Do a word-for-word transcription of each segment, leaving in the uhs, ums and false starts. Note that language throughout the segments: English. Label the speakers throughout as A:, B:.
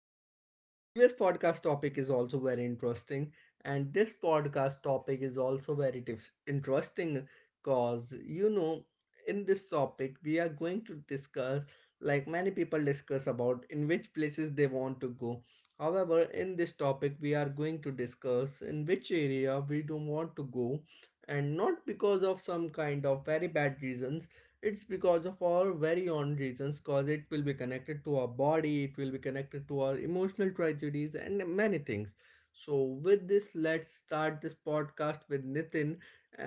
A: uh, like previous podcast topic, is also very interesting. And this podcast topic is also very dif- interesting because you know, in this topic, we are going to discuss like many people discuss about in which places they want to go. However, in this topic, we are going to discuss in which area we don't want to go, and not because of some kind of very bad reasons. It's because of our very own reasons, because it will be connected to our body, it will be connected to our emotional tragedies and many things. So with this, let's start this podcast with Nitin.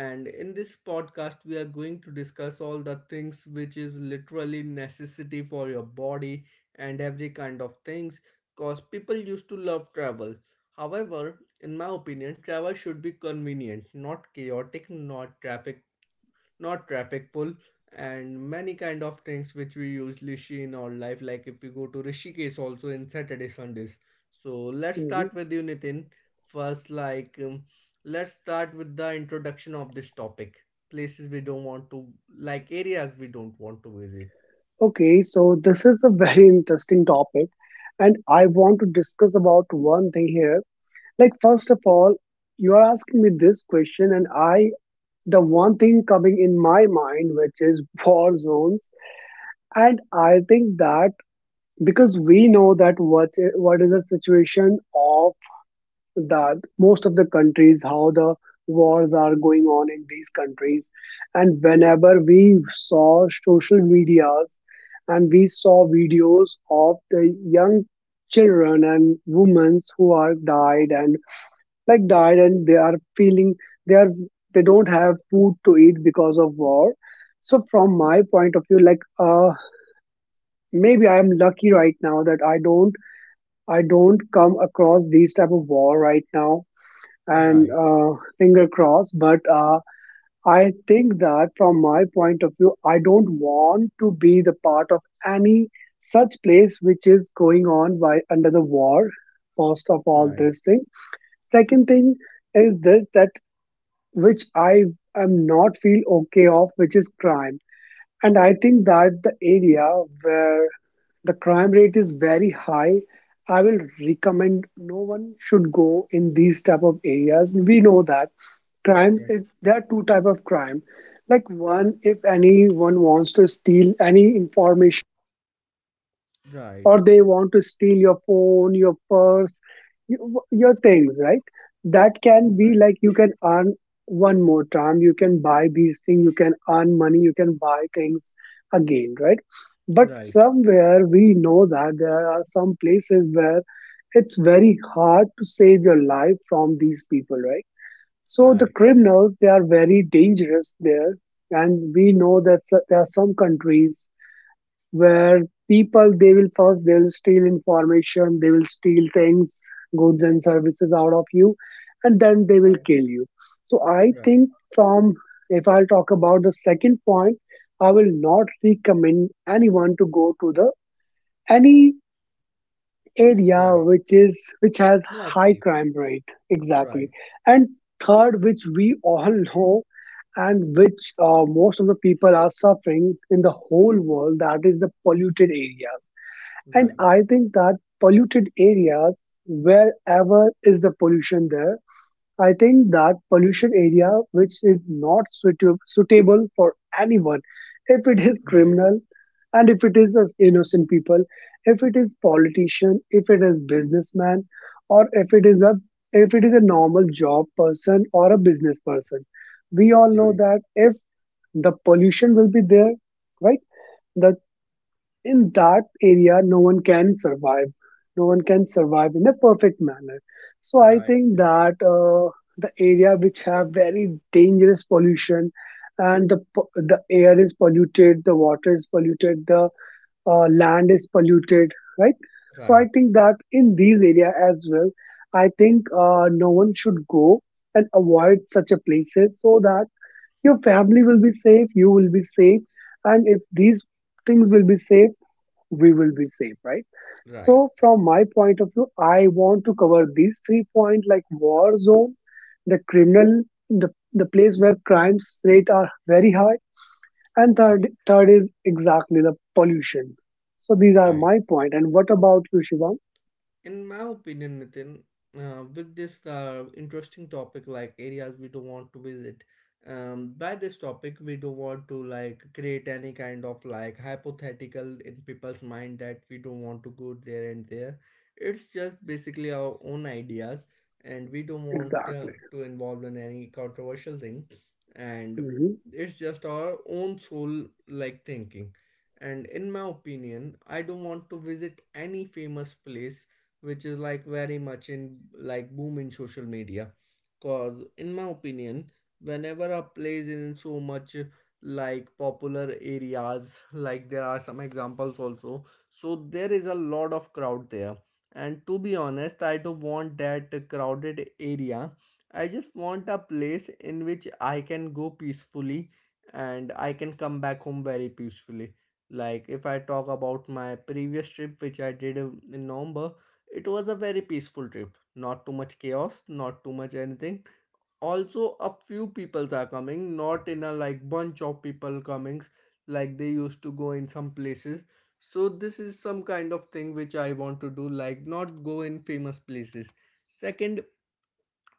A: And in this podcast we are going to discuss all the things which is literally necessity for your body and every kind of things, because people used to love travel. However, in my opinion, travel should be convenient, not chaotic, not traffic, not traffic pull and many kind of things which we usually see in our life, like if we go to Rishikesh also in Saturday Sundays. So let's
B: Mhm.
A: start with you, Nitin first, like um, let's start with the introduction of this topic, places we don't want to, like areas we don't want to visit.
B: Okay, so this is a very interesting topic, and I want to discuss about one thing here. Like, first of all, you are asking me this question, and I, the one thing coming in my mind, which is war zones. And I think that because we know that what i- what is the situation of that, most of the countries, how the wars are going on in these countries. And whenever we saw social medias and we saw videos of the young children and women who are died and like died, and they are feeling, they are, they don't have food to eat because of war. So from my point of view, like uh maybe I am lucky right now that i don't i don't come across these type of war right now, and
A: Right,
B: uh, finger crossed. But uh, I think that from my point of view, I don't want to be the part of any such place which is going on by under the war. First of all,
A: right,
B: this thing. Second thing is this, that which I am not feel okay of, which is crime. And I think that the area where the crime rate is very high, I will recommend no one should go in these type of areas. We know that Crime. Is there are two type of crime, like one, if anyone wants to steal any information,
A: right,
B: or they want to steal your phone, your purse, you- your things, right? That can be
A: right,
B: like, you can earn one more time, you can buy these things, you can earn money, you can buy things again, right? But
A: right, right,
B: somewhere we know that there are some places where it's very hard to save your life from these people, right? So the
A: right,
B: criminals, they are very dangerous there, and we know that so- there are some countries where people, they will first, they will steal information, they will steal things, goods and services out of you, and then they will
A: right,
B: kill you. So I
A: right,
B: think from, if I'll talk about the second point, I will not recommend anyone to go to the any area
A: right.
B: which is which has
A: Not
B: high
A: safe.
B: crime rate, exactly.
A: Right,
B: And third, which we all know, and which uh, most of the people are suffering in the whole world, that is the polluted areas. And
A: right,
B: I think that polluted areas, wherever is the pollution there, I think that pollution area which is not suitab- suitable for anyone, if it is
A: right,
B: criminal, and if it is as innocent people, if it is politician, if it is businessman, or if it is a, if it is a normal job person or a business person, we all know
A: right,
B: that if the pollution will be there, right, that in that area no one can survive, no one can survive in a perfect manner. So I
A: right,
B: think that uh, the area which have very dangerous pollution, and the po- the air is polluted, the water is polluted, the uh, land is polluted, right? So I
A: right,
B: think that in these area as well, I think uh, no one should go and avoid such a places, so that your family will be safe, you will be safe, and if these things will be safe, we will be safe, right?
A: right,
B: So from my point of view, I want to cover these three points, like war zone, the criminal, the, the place where crimes rate are very high, and
A: right,
B: third, third is exactly the pollution. So these are
A: right.
B: my point. And what about you, Shivam?
A: In my opinion, Nitin, uh, with this uh, interesting topic like areas we don't want to visit, um, by this topic we don't want to like create any kind of like hypothetical in people's mind that we don't want to go there and there. It's just basically our own ideas, and we don't want uh,
B: Exactly.
A: to involve in any controversial thing, and
B: Hmm.
A: it's just our own soul like thinking. And in my opinion, I don't want to visit any famous place which is like very much in like boom in social media, cause in my opinion whenever a place is in so much like popular areas like there are some examples also, so there is a lot of crowd there. And to be honest, I don't want that crowded area, I just want a place in which I can go peacefully and I can come back home very peacefully. Like if I talk about my previous trip which I did uh, in November, it was a very peaceful trip. Not too much chaos, not too much anything. Also, a few people are coming, not in a like bunch of people coming like they used to go in some places. So this is some kind of thing which I want to do, like not go in famous places. Second,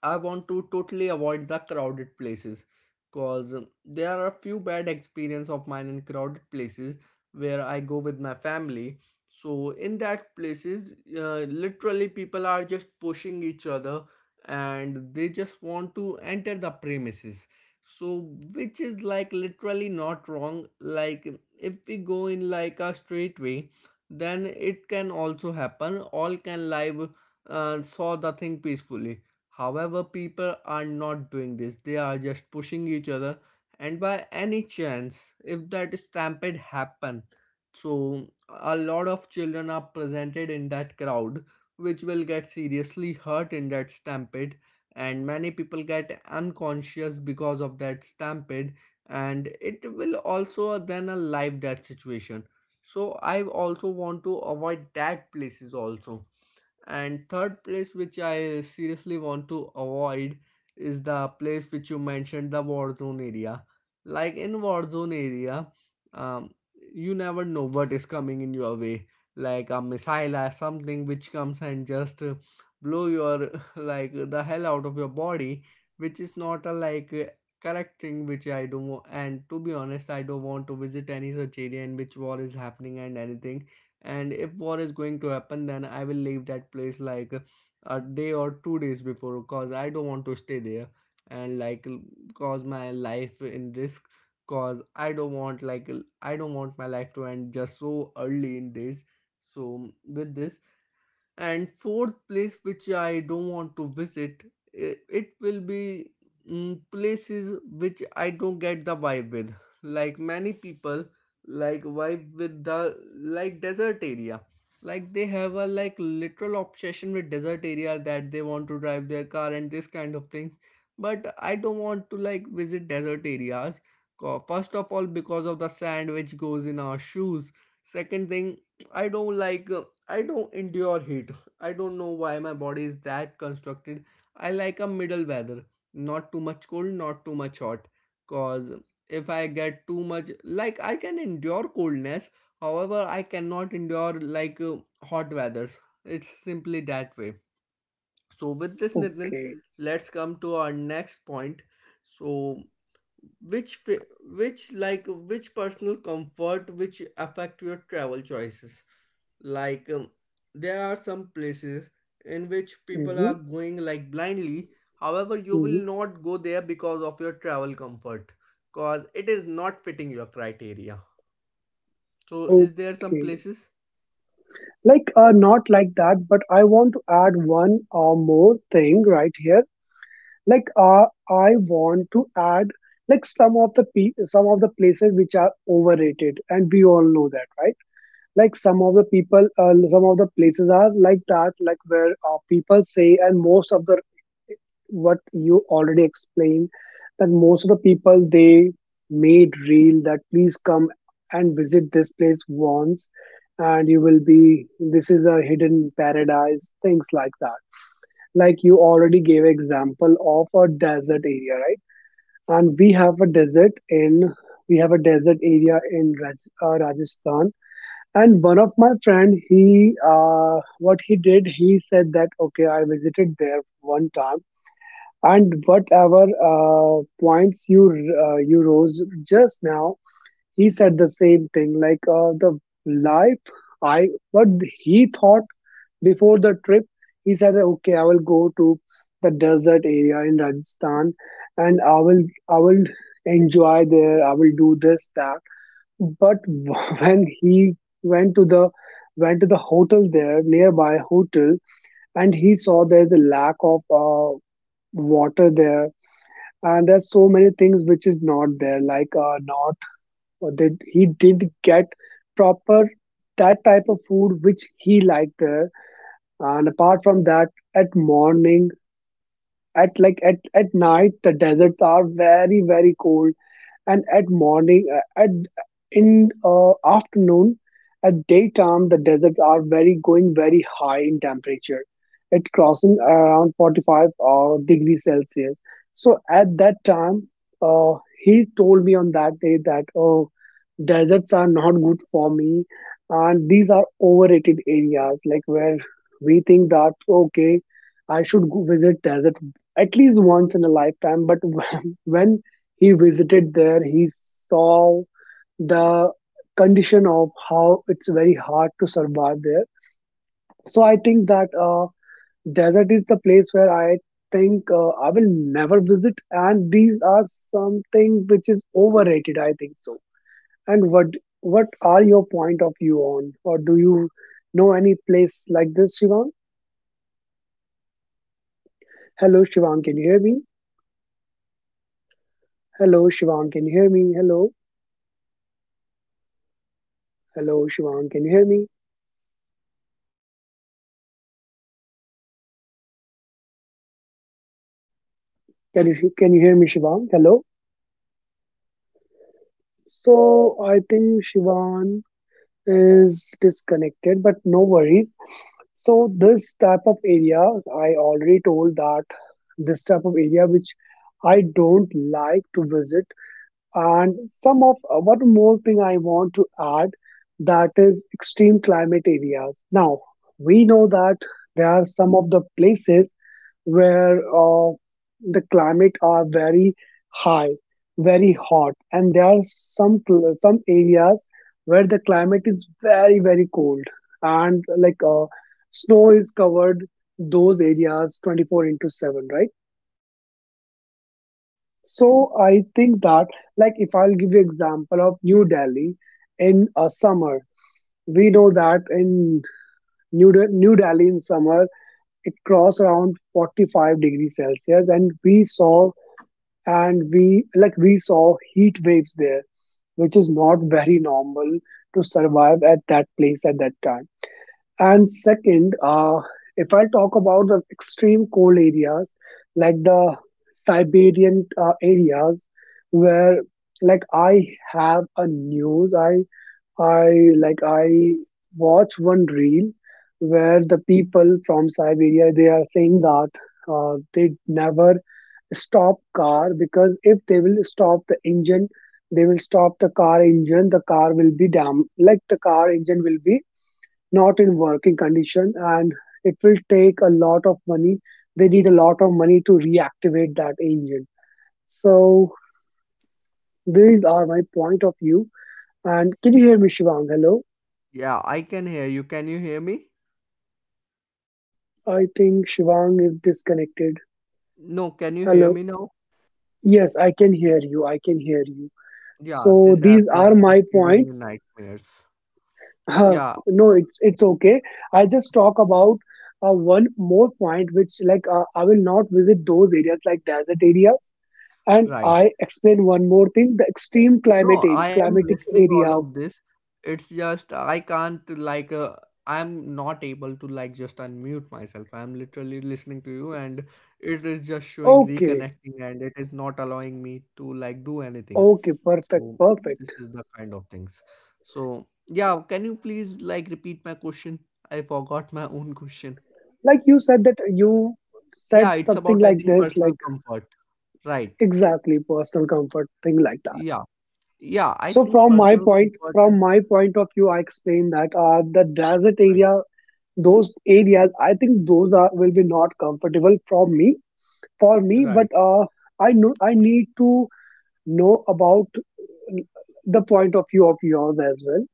A: I want to totally avoid the crowded places because there are a few bad experience of mine in crowded places where I go with my family. So in that places, uh, literally people are just pushing each other and they just want to enter the premises. So which is like literally not wrong. Like if we go in like a straight way, then it can also happen. All can live uh, saw the thing peacefully. However, people are not doing this, they are just pushing each other. And by any chance, if that stampede happen, so a lot of children are presented in that crowd, which will get seriously hurt in that stampede. And many people get unconscious because of that stampede, and it will also then a life death situation. So I also want to avoid that places also. And third place which I seriously want to avoid is the place which you mentioned, the war zone area. Like in war zone area, um, you never know what is coming in your way, like a missile or something which comes and just uh, blow your like the hell out of your body, which is not a like uh, correct thing which I do. And to be honest, I don't want to visit any such area in which war is happening and anything. And if war is going to happen, then I will leave that place like a day or two days before, cause I don't want to stay there and like cause my life in risk, cause I don't want, like I don't want my life to end just so early in days. So with this, and fourth place which I don't want to visit, i- it will be mm, places which I don't get the vibe with. Like many people like vibe with the like desert area, like they have a like literal obsession with desert area that they want to drive their car and this kind of things. But I don't want to like visit desert areas. Co- first of all because of the sand which goes in our shoes. Second thing, I don't like uh, I don't endure heat. I don't know why my body is that constructed. I like a middle weather, not too much cold, not too much hot. Cause if I get too much, like I can endure coldness, however, I cannot endure like uh, hot weathers. It's simply that way. So with this, Nitin,
B: Okay.
A: let's come to our next point. So which fa- which like which personal comfort which affect your travel choices, like um, there are some places in which people
B: Hmm.
A: are going like blindly, however you
B: Hmm.
A: will not go there because of your travel comfort, cause it is not fitting your criteria. So is there some
B: Okay.
A: places?
B: Like uh, not like that, but I want to add one or more thing right here. Like uh, I want to add like some of the pe- some of the places which are overrated, and we all know that, right? Like some of the people uh, some of the places are like that, like where uh, people say, and most of the, what you already explained, like most of the people, they made real that please come and visit this place once and you will be, this is a hidden paradise, things like that. Like you already gave example of a desert area, right? And we have a desert in we have a desert area in Raj, uh, Rajasthan, and one of my friend, he uh, what he did, he said that okay, I visited there one time, and whatever uh, points you uh, you rose just now, he said the same thing. Like uh, the life, I what he thought before the trip, he said, "Okay, I will go to the desert area in Rajasthan, and I will I will enjoy there. I will do this that." But when he went to the went to the hotel there, nearby hotel, and he saw there's a lack of uh, water there, and there's so many things which is not there, like uh, not, or did he did get proper that type of food which he liked there. And apart from that, at morning, at like at, at night, the deserts are very very cold, and at morning uh, at in uh, afternoon, at daytime, the deserts are very going very high in temperature, it crossing around forty-five uh, degrees celsius. So at that time uh, he told me on that day that oh, deserts are not good for me, and these are overrated areas, like where we think that okay, I should go visit desert at least once in a lifetime. But when he visited there, he saw the condition of how it's very hard to survive there. So I think that uh, desert is the place where I think uh, I will never visit, and these are something which is overrated, I think. So, and what what are your point of view on, or do you know any place like this, Shivang? Hello, Shivang, can you hear me? Hello, Shivang, can you hear me? Hello, hello, Shivang, can you hear me? Can you, can you hear me, Shivang? Hello. So I think Shivan is disconnected, but no worries. So this type of area, I already told that this type of area which I don't like to visit. And some of uh, one more thing I want to add, that is extreme climate areas. Now we know that there are some of the places where uh, the climate are very high, very hot, and there are some pl- some areas where the climate is very very cold, and like uh, snow is covered those areas twenty-four into seven, right? So I think that, like, if I'll give you example of New Delhi in a summer, we know that in new, De- new Delhi in summer, it crossed around forty-five degrees celsius, and we saw, and we like we saw heat waves there, which is not very normal to survive at that place at that time. And second uh, if I talk about the
A: Hello Nitin,
B: extreme
A: can
B: cold
A: you hear me?
B: areas, like the Siberian uh, areas
A: Hello
B: where,
A: Nitin, can you
B: like,
A: hear me?
B: I have a news, i i like, I watch one reel where the people from Siberia, they are saying that uh, they never stop car, because if they will stop the engine, they will stop the car engine, the car will be dam, like the car engine will be not in working condition, and it will take a lot of money, they need a lot of money to
A: Yeah,
B: reactivate
A: Nitin,
B: that
A: can you hear
B: engine.
A: me now?
B: So these are my point of view, and can you hear me, Shivang? Hello,
A: Yeah, I can hear you, can you hear me?
B: I think Shivang is disconnected.
A: No, can you hear
B: Hello,
A: me now?
B: yes, I can hear you, I can hear you,
A: Yeah,
B: so
A: this app
B: these
A: is
B: are my
A: just giving me
B: points.
A: nightmares.
B: Huh,
A: Yeah,
B: no, it's it's okay. I just talk about uh, one more point, which, like uh, I will not visit those areas like desert areas, and
A: right.
B: I explain one more thing, the extreme
A: No,
B: climatic
A: I am
B: climatic
A: listening all of
B: areas.
A: this. It's just I can't like uh, I'm not able to like just unmute myself. I'm literally listening to you and it is just showing
B: Okay,
A: reconnecting and it is not allowing me to like do anything.
B: okay, perfect,
A: So
B: perfect.
A: this is the kind of things. So yeah, can you please like repeat my question? I forgot my own question.
B: Like you said, that you said
A: Yeah, it's
B: something
A: about I
B: like
A: think
B: this, like
A: personal comfort. Right.
B: exactly personal comfort thing like that.
A: Yeah. Yeah, I
B: So
A: think
B: from my
A: personal
B: point,
A: comfort is
B: from my point of view, I explain that uh, the desert
A: right.
B: area, those areas, I think those are will be not comfortable from me, for me, but
A: Right.
B: uh, I know I need to know about uh, the point of view of yours as well.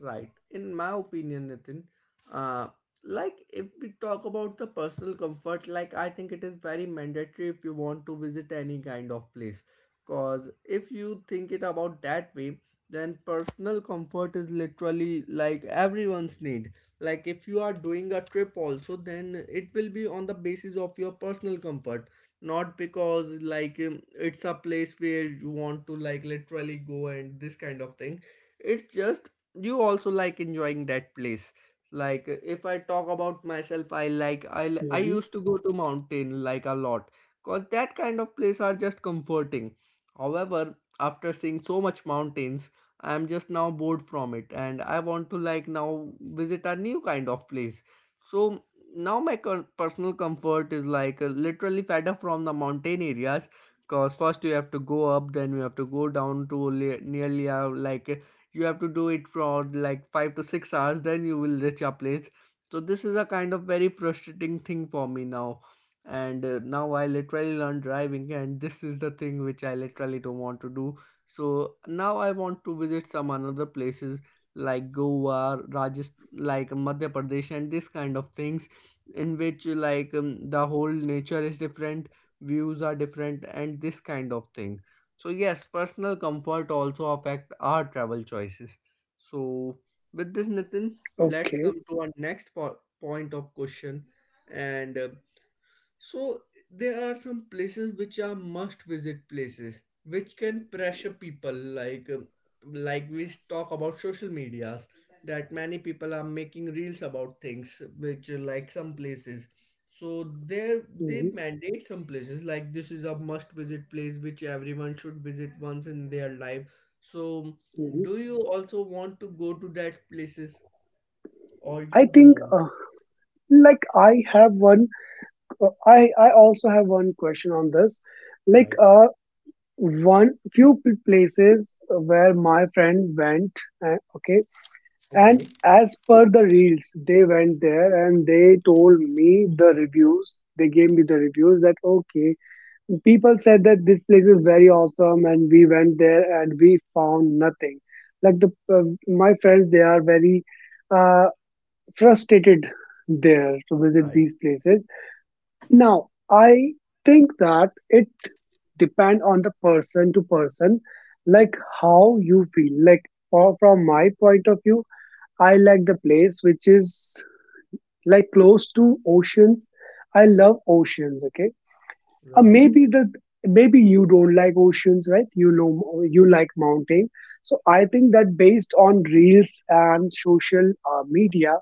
A: Right. In my opinion, Nitin, uh, like if we talk about the personal comfort, like I think it is very mandatory if you want to visit any kind of place. Cause if you think it about that way, then personal comfort is literally like everyone's need. Like if you are doing a trip also, then it will be on the basis of your personal comfort, not because like um, it's a place where you want to like literally go and this kind of thing. It's just you also like enjoying that place. Like uh, if I talk about myself, I like i l- I
B: Hmm,
A: used to go to mountain like a lot, cause that kind of place are just comforting. However, after seeing so much mountains, I am just now bored from it and I want to like now visit a new kind of place. So now my con- personal comfort is like uh, literally fed up from the mountain areas, cause first you have to go up, then you have to go down to le- nearly uh, like you have to do it for like five to six hours, then you will reach your place. So this is a kind of very frustrating thing for me now. And uh, now I literally learn driving and this is the thing which I literally don't want to do. So now I want to visit some another places like Goa, Rajasthan, like Madhya Pradesh and this kind of things, in which like um, the whole nature is different, views are different and this kind of thing. So yes, personal comfort also affect our travel choices. So with this, Nitin, let's
B: okay.
A: come to our next po- point of question. And uh, so there are some places which are must visit places which can pressure people, like um, like we talk about social medias that many people are making reels about things which are like some places, so there they
B: Hmm.
A: mandate some places, like this is a must visit place which everyone should visit once in their life. So
B: Hmm.
A: do you also want to go to that places or
B: I
A: you don't
B: think
A: want?
B: uh, like, I have one uh, i i also have one question on this, like
A: Right,
B: uh one few pl- places where my friend went uh, okay. And
A: okay,
B: as per the reels, they went there, and they told me the reviews. They gave me the reviews that okay, people said that this place is very awesome, and we went there and we found nothing. Like the uh, my friends, they are very uh, frustrated there to visit
A: right,
B: these places. Now I think that it depend on the person to person, like how you feel. Like for, from my point of view, I like the place which is like close to oceans. I love oceans. Okay, uh,
A: right,
B: maybe the maybe you don't like oceans, right? You know you like mountain. So I think that based on reels and social uh, media,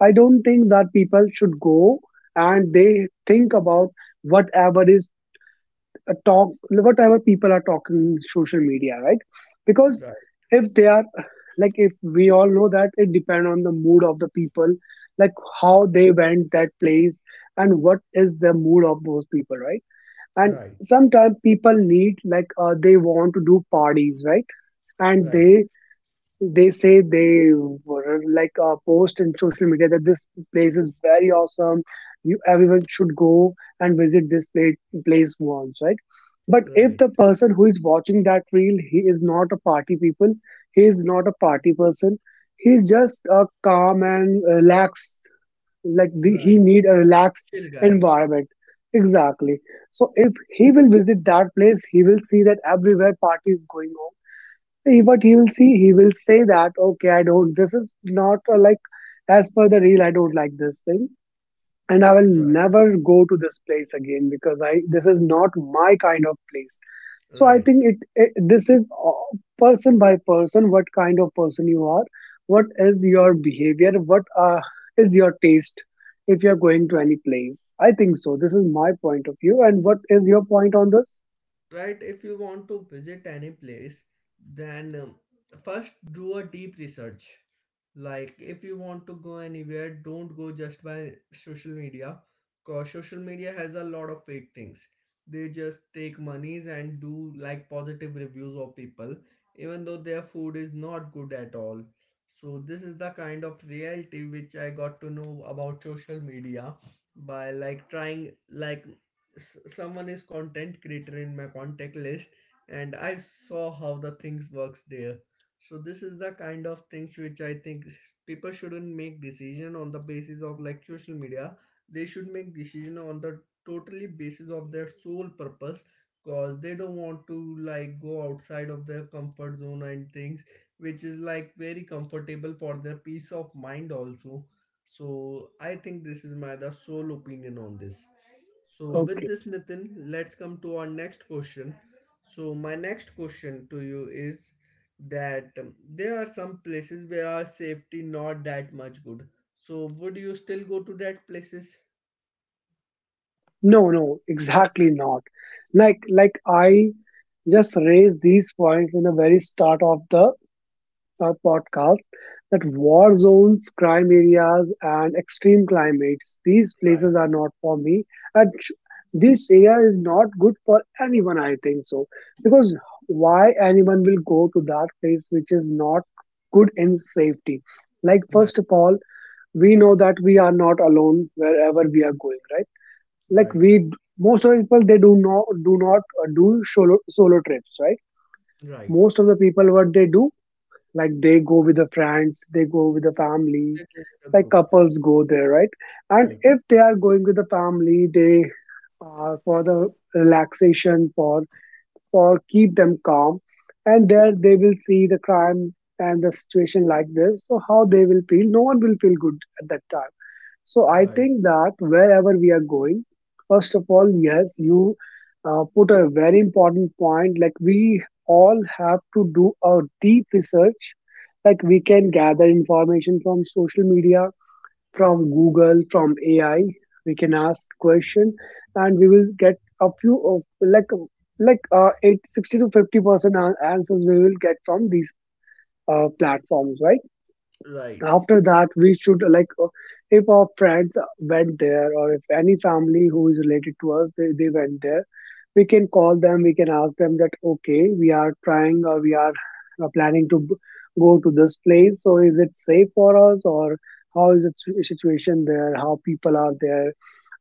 B: I don't think that people should go and they think about whatever is uh, talk whatever people are talking social media, right? Because
A: right,
B: if they are like if we all know that it depends on the mood of the people, like how they went that place and what is the mood of those people, right? And
A: right.
B: sometimes people need like uh, they want to do parties, right? And
A: Right,
B: they they say they were like a post in social media that this place is very awesome. You everyone should go and visit this place, place once, right? But if
A: right,
B: the person who is watching that reel, he is not a party people, he is not a party person. He's just a calm and relaxed, like the, he
A: right.
B: need a relaxed
A: Chill guy.
B: environment. Exactly. So if he will visit that place, he will see that everywhere party is going on he, but he will see, he will say that, okay, I don't, this is not uh, like, as per the reel, I don't like this thing. And I will
A: Right,
B: never go to this place again because I, this is not my kind of place. So I
A: right.
B: think it, it this is uh, person by person, what kind of person you are, what is your behavior, what uh, is your taste if you're going to any place. I think so. This is my point of view. And what is your point on this?
A: Right. If you want to visit any place, then um, first do a deep research. Like if you want to go anywhere, don't go just by social media, because social media has a lot of fake things. They just take monies and do like positive reviews of people even though their food is not good at all. So this is the kind of reality which I got to know about social media by like trying, like s- someone is content creator in my contact list and I saw how the things works there. So this is the kind of things which I think people shouldn't make decision on the basis of like social media. They should make decision on the totally basis of their sole purpose, cause they don't want to like go outside of their comfort zone and things which is like very comfortable for their peace of mind also. So I think this is my the sole opinion on this. So, with
B: Okay.
A: this, Nitin, let's come to our next question. So, my next question to you is that um, there are some places where our safety not that much good. So, would you still go to that places?
B: No, no, exactly not. Like, like I just raised these points in the very start of the uh, podcast that war zones, crime areas, and extreme climates, these
A: Right,
B: places are not for me. And sh- this area is not good for anyone, I think so. Because why anyone will go to that place which is not good in safety? Like,
A: right,
B: first of all, we know that we are not alone wherever we are going, right? Like
A: right,
B: we d- most of the people, they do not do not uh, do solo solo trips, right?
A: right.
B: Most of the people, what they do, like they go with the friends, they go with the
A: They
B: family,
A: go with a
B: like
A: group.
B: couples go there, right? And
A: Right,
B: if they are going with the family, they uh, for the relaxation, for for keep them calm, and there they will see the crime and the situation like this. So how they will feel? No one will feel good at that time. So I
A: right,
B: think that wherever we are going, first of all, yes, you uh, put a very important point. Like we all have to do a deep research. Like we can gather information from social media, from Google, from A I. We can ask question, and we will get a few of like like uh, eight sixty to fifty percent an- answers we will get from these uh, platforms, right?
A: right,
B: After that we should like uh, if our friends went there or if any family who is related to us, they, they went there, we can call them, we can ask them that okay, we are trying or we are uh, planning to b- go to this place, so is it safe for us or how is the situ- situation there, how people are there,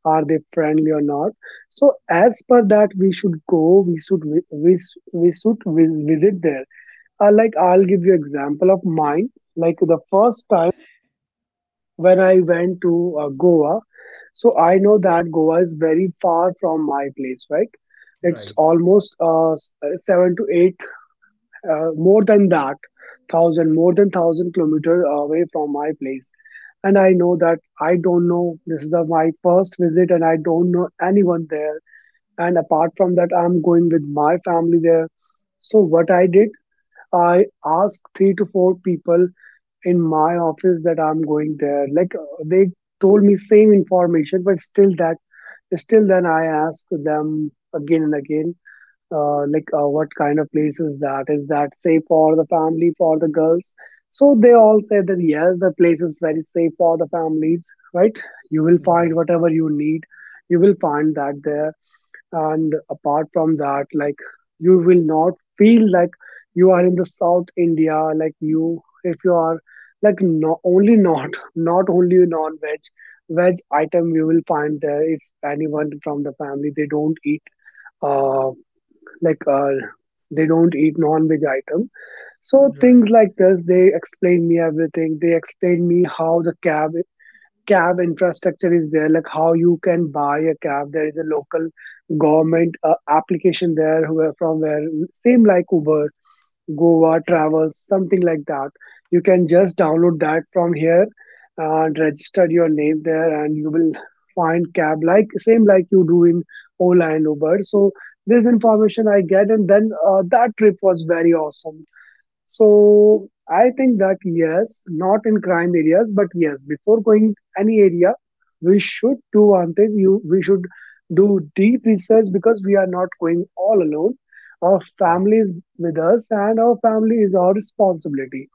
B: are they friendly or not. So as per that, we should go, we should vi- we, s- we should vi- visit there. Uh, like, I'll
A: right,
B: give you example of mine. Like the first when I went to uh, Goa. So I know that Goa is very far from my place, right? It's
A: right,
B: almost uh, s- uh, seven to eight, uh, more than that, thousand, more than thousand kilometer away from my place. And I know that I don't know. This is the, my first visit, and I don't know anyone there. And apart from that, I'm going with my family there. So what I did, I asked three to four people in my office that I'm going there. Like uh, they told me same information, but still that, still then I ask them again and again, uh, like uh, what kind of place is that? Is that safe for the family, for the girls? So they all said that yes, the place is very safe for the families, right? You will find
A: right,
B: whatever you need. You will find that there. And apart from that, like you will not feel like you are in the South India. Like, you, if you are like, not only not not only non veg veg item you will find there. If anyone from the family, they don't eat uh like uh they don't eat non-veg item. So
A: right.
B: things like this, they explain me everything. They explain me how the cab cab infrastructure is there, like how you can buy a cab. There is a local government uh, application there, where, from where, same like Uber Goa
A: Okay,
B: Travels, something like that. You can just download that from here and register your name there, and you will find cab, like same like you do in Ola and Uber. So this
A: okay,
B: information I get, and then uh, that trip was very awesome. So I think that yes, not in crime areas, but yes, before going any area, we should do one thing. You we should do deep research, because we are not going all alone. Our
A: right,
B: family is with us, and our family is our responsibility.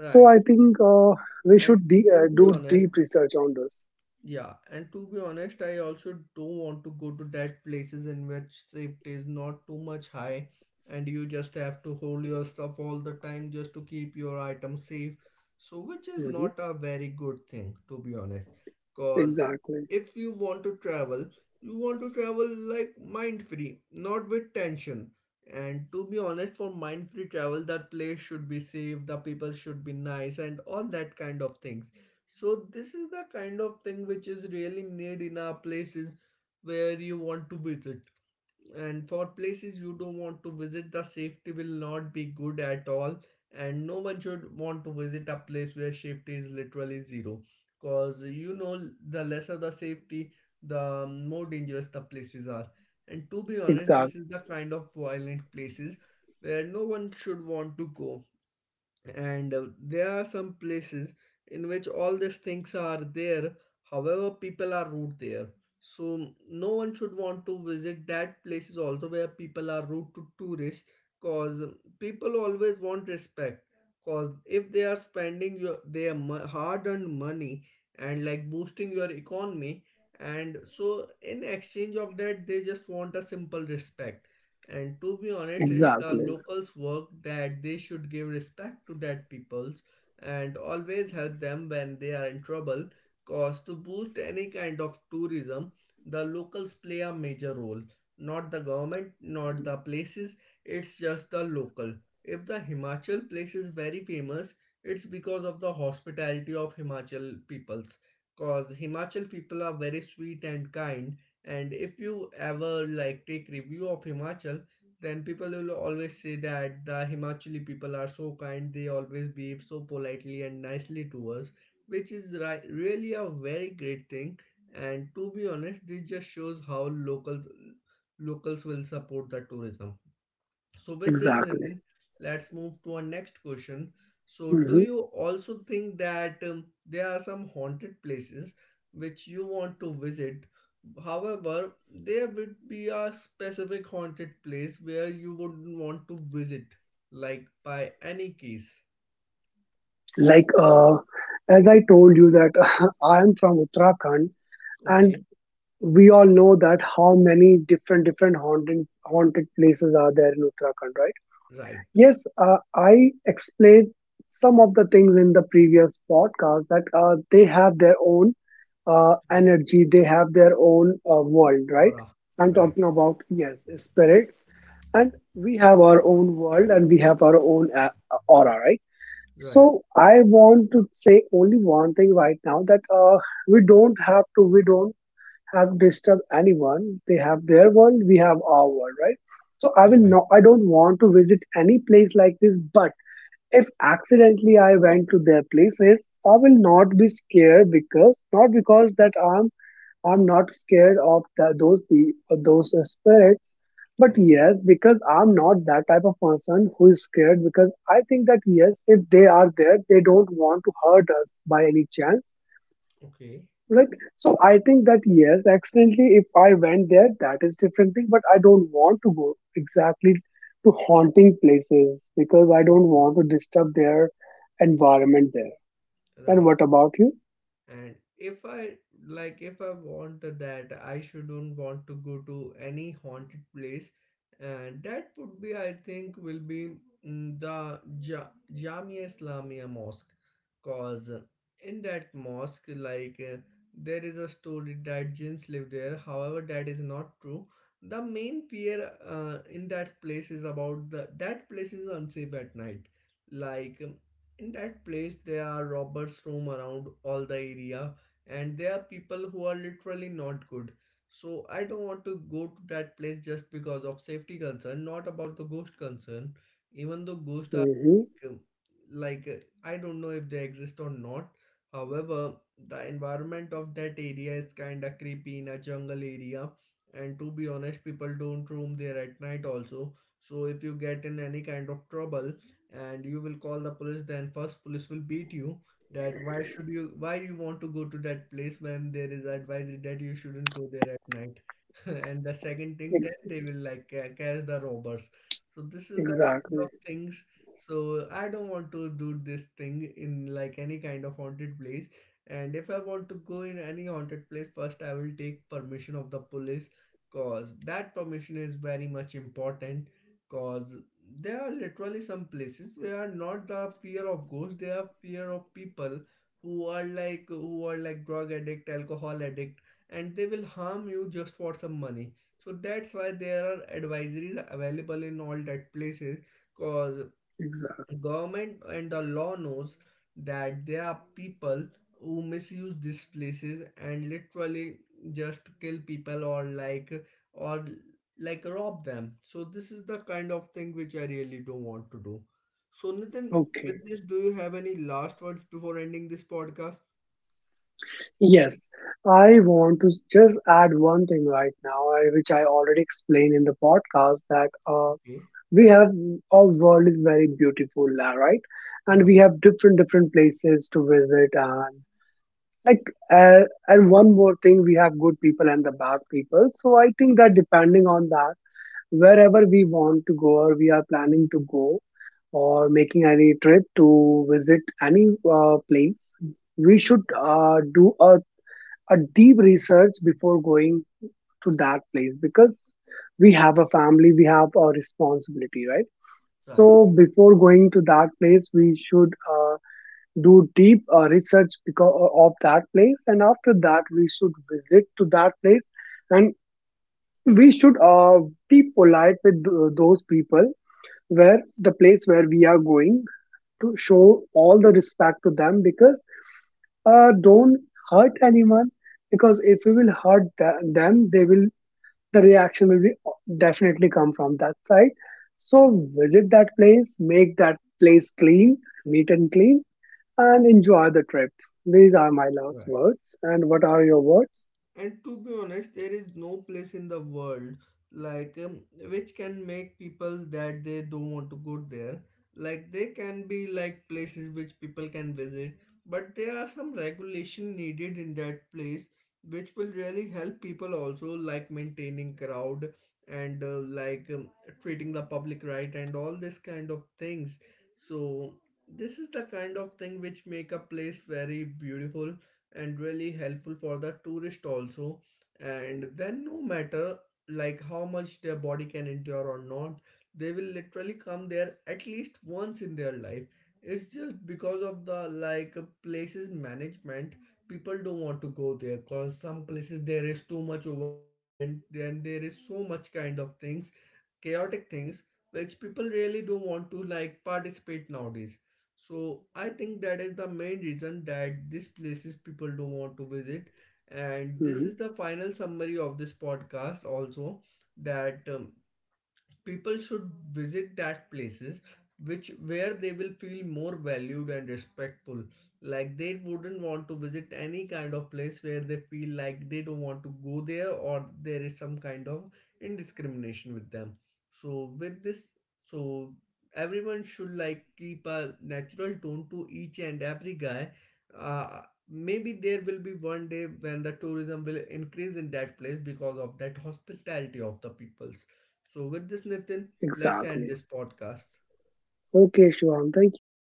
B: So I think uh, we
A: And
B: should de-
A: to
B: uh,
A: be
B: do deep
A: honest,
B: research on this.
A: Yeah, and to be honest, I also don't want to go to that places in which safety is not too much high and you just have to hold your stuff all the time just to keep your item safe. So which is
B: Hmm.
A: not a very good thing, to be honest. Cause
B: Exactly.
A: if you want to travel, you want to travel like mind free, not with tension. And to be honest, for mind free travel, that place should be safe, the people should be nice, and all that kind of things. So this is the kind of thing which is really need in our places where you want to visit. And for places you don't want to visit, the safety will not be good at all. And no one should want to visit a place where safety is literally zero. Cause you know, the lesser the safety, the more dangerous the places are. And to be honest, this
B: Exactly.
A: is the kind of violent places where no one should want to go, and uh, there are some places in which all these things are there, however people are rude there. So no one should want to visit that places also where people are rude to tourists, cause people always want respect. Cause if they are spending your their hard-earned money and like boosting your economy, and so in exchange of that they just want a simple respect. And to be honest, it's the
B: Exactly.
A: locals' work that they should give respect to that peoples and always help them when they are in trouble. Cause to boost any kind of tourism, the locals play a major role. Not the government, not the places, it's just the local. If the Himachal place is very famous, it's because of the hospitality of Himachal peoples. Cause Himachal people are very sweet and kind, and if you ever like take review of Himachal, then people will always say that the Himachali people are so kind, they always behave so politely and nicely to us, which is ri- really a very great thing. And to be honest, this just shows how locals locals will support the tourism. So, with this,
B: Exactly.
A: Nitin, let's move to our next question. So, do
B: Hmm.
A: you also think that um, there are some haunted places which you want to visit? However, there would be a specific haunted place where you wouldn't want to visit, like by any case.
B: Like uh, as I told you that I am from Uttarakhand, and
A: Okay,
B: we all know that how many different different haunted haunted places are there in Uttarakhand, right?
A: right,
B: Yes. uh, I explained some of the things in the previous podcast, that uh, they have their own uh,
A: right,
B: energy, they have their own uh, world, right?
A: aura,
B: I'm
A: right,
B: talking about, yes, spirits, and we have our own world, and we have our own a- aura, right? So
A: right,
B: I want to say only one thing right now, that uh, we don't have to, we don't have disturbed anyone. They have their world, we have our world, right? So I will
A: right.
B: not, I don't want to visit any place like this. But if accidentally I went to their places, I will not be scared, because not because that I'm I'm not scared of the, those pe- of those spirits. But
A: Okay,
B: yes, because I'm not that type of person who is scared, because I think that yes, if they are there, they don't want to hurt us by any chance.
A: okay,
B: Right. So I think that yes, accidentally, if I went there, that is different thing. But I don't want to go exactly to haunting places because I don't
A: okay,
B: want to disturb their environment there. And
A: right.
B: what about you?
A: And if I like, if I want that I shouldn't want to go to any haunted place, and that would be, I think will be, mm, the ja- Jamia Islamia mosque. Cause in that mosque, like uh, there is a story that jinns live there, however that is not true. The main fear uh, in that place is about the that place is unsafe at night. Like in that place there are robbers roam around all the area, and there are people who are literally not good. So I don't want to go to that place just because of safety concern, not about the ghost concern. Even though ghosts are
B: Mm-hmm.
A: um, like uh, I don't know if they exist or not, however the environment of that area is kind of creepy in a jungle area. And to be honest, people don't roam there at night also. So if you get in any kind of trouble and you will call the police, then first police will beat you that why should you, why you want to go to that place when there is advisory that you shouldn't go there at night. And the second thing that
B: Ex-
A: they will like uh, catch the robbers. So this is the kind of
B: exactly.
A: things. So I don't want to do this thing in like any kind of haunted place. And if I want to go in any haunted place, first I will take permission of the police, cause that permission is very much important. Cause there are literally some places where not the fear of ghosts, they are fear of people who are like, who are like drug addict, alcohol addict, and they will harm you just for some money. So that's why there are advisories available in all that places, cause
B: Exactly.
A: government and the law knows that there are people who misuse these places and literally just kill people, or like, or like rob them. So this is the kind of thing which I really don't want to do. So Nitin,
B: Okay.
A: with this, do you have any last words before ending this podcast?
B: Yes, I want to s- just add one thing right now, I- which I already explained in the podcast, that uh,
A: Okay,
B: we have our world is very beautiful la- right. And we
A: right,
B: have different different places to visit. And like uh, and one more thing, we have good people and the bad people. So I think that, depending on that, wherever we want to go or we are planning to go or making any trip to visit any uh, place, we should
A: okay,
B: uh, do a, a deep research before going to that place, because we have a family, we have a responsibility, right?
A: right,
B: So before going to that place, we should uh, do deep uh, research because of that place, and after that, we should visit to that place, and we should uh, be polite with th- those people, where the place where we are going, to show all the respect to them, because uh, don't hurt anyone. Because if we will hurt th- them, they will the reaction will be uh, definitely come from that side. So visit that place, make that place clean, neat and clean, and enjoy the trip. These are my last
A: right.
B: words. And what are your words?
A: And to be honest, there is no place in the world like um, which can make people that they don't want to go there. Like they can be like places which people can visit, but there are some regulation needed in that place which will really help people also, like maintaining crowd and uh, like um, treating the public right and all this kind of things. So this is the kind of thing which make a place very beautiful and really helpful for the tourist also. And then no matter like how much their body can endure or not, they will literally come there at least once in their life. It's just because of the like places management. People don't want to go there because some places there is too much overcrowd, and then there is so much kind of things, chaotic things which people really don't want to like participate nowadays. So I think that is the main reason that these places people don't want to visit. And this
B: Mhm.
A: is the final summary of this podcast also, that um, people should visit that places which where they will feel more valued and respectful. Like they wouldn't want to visit any kind of place where they feel like they don't want to go there, or there is some kind of indiscrimination with them. So with this, so everyone should like keep a natural tone to each and every guy. uh, Maybe there will be one day when the tourism will increase in that place because of that hospitality of the people. So, with this, Nitin, let's end
B: Exactly.
A: this podcast.
B: Okay, Shivam. Thank you.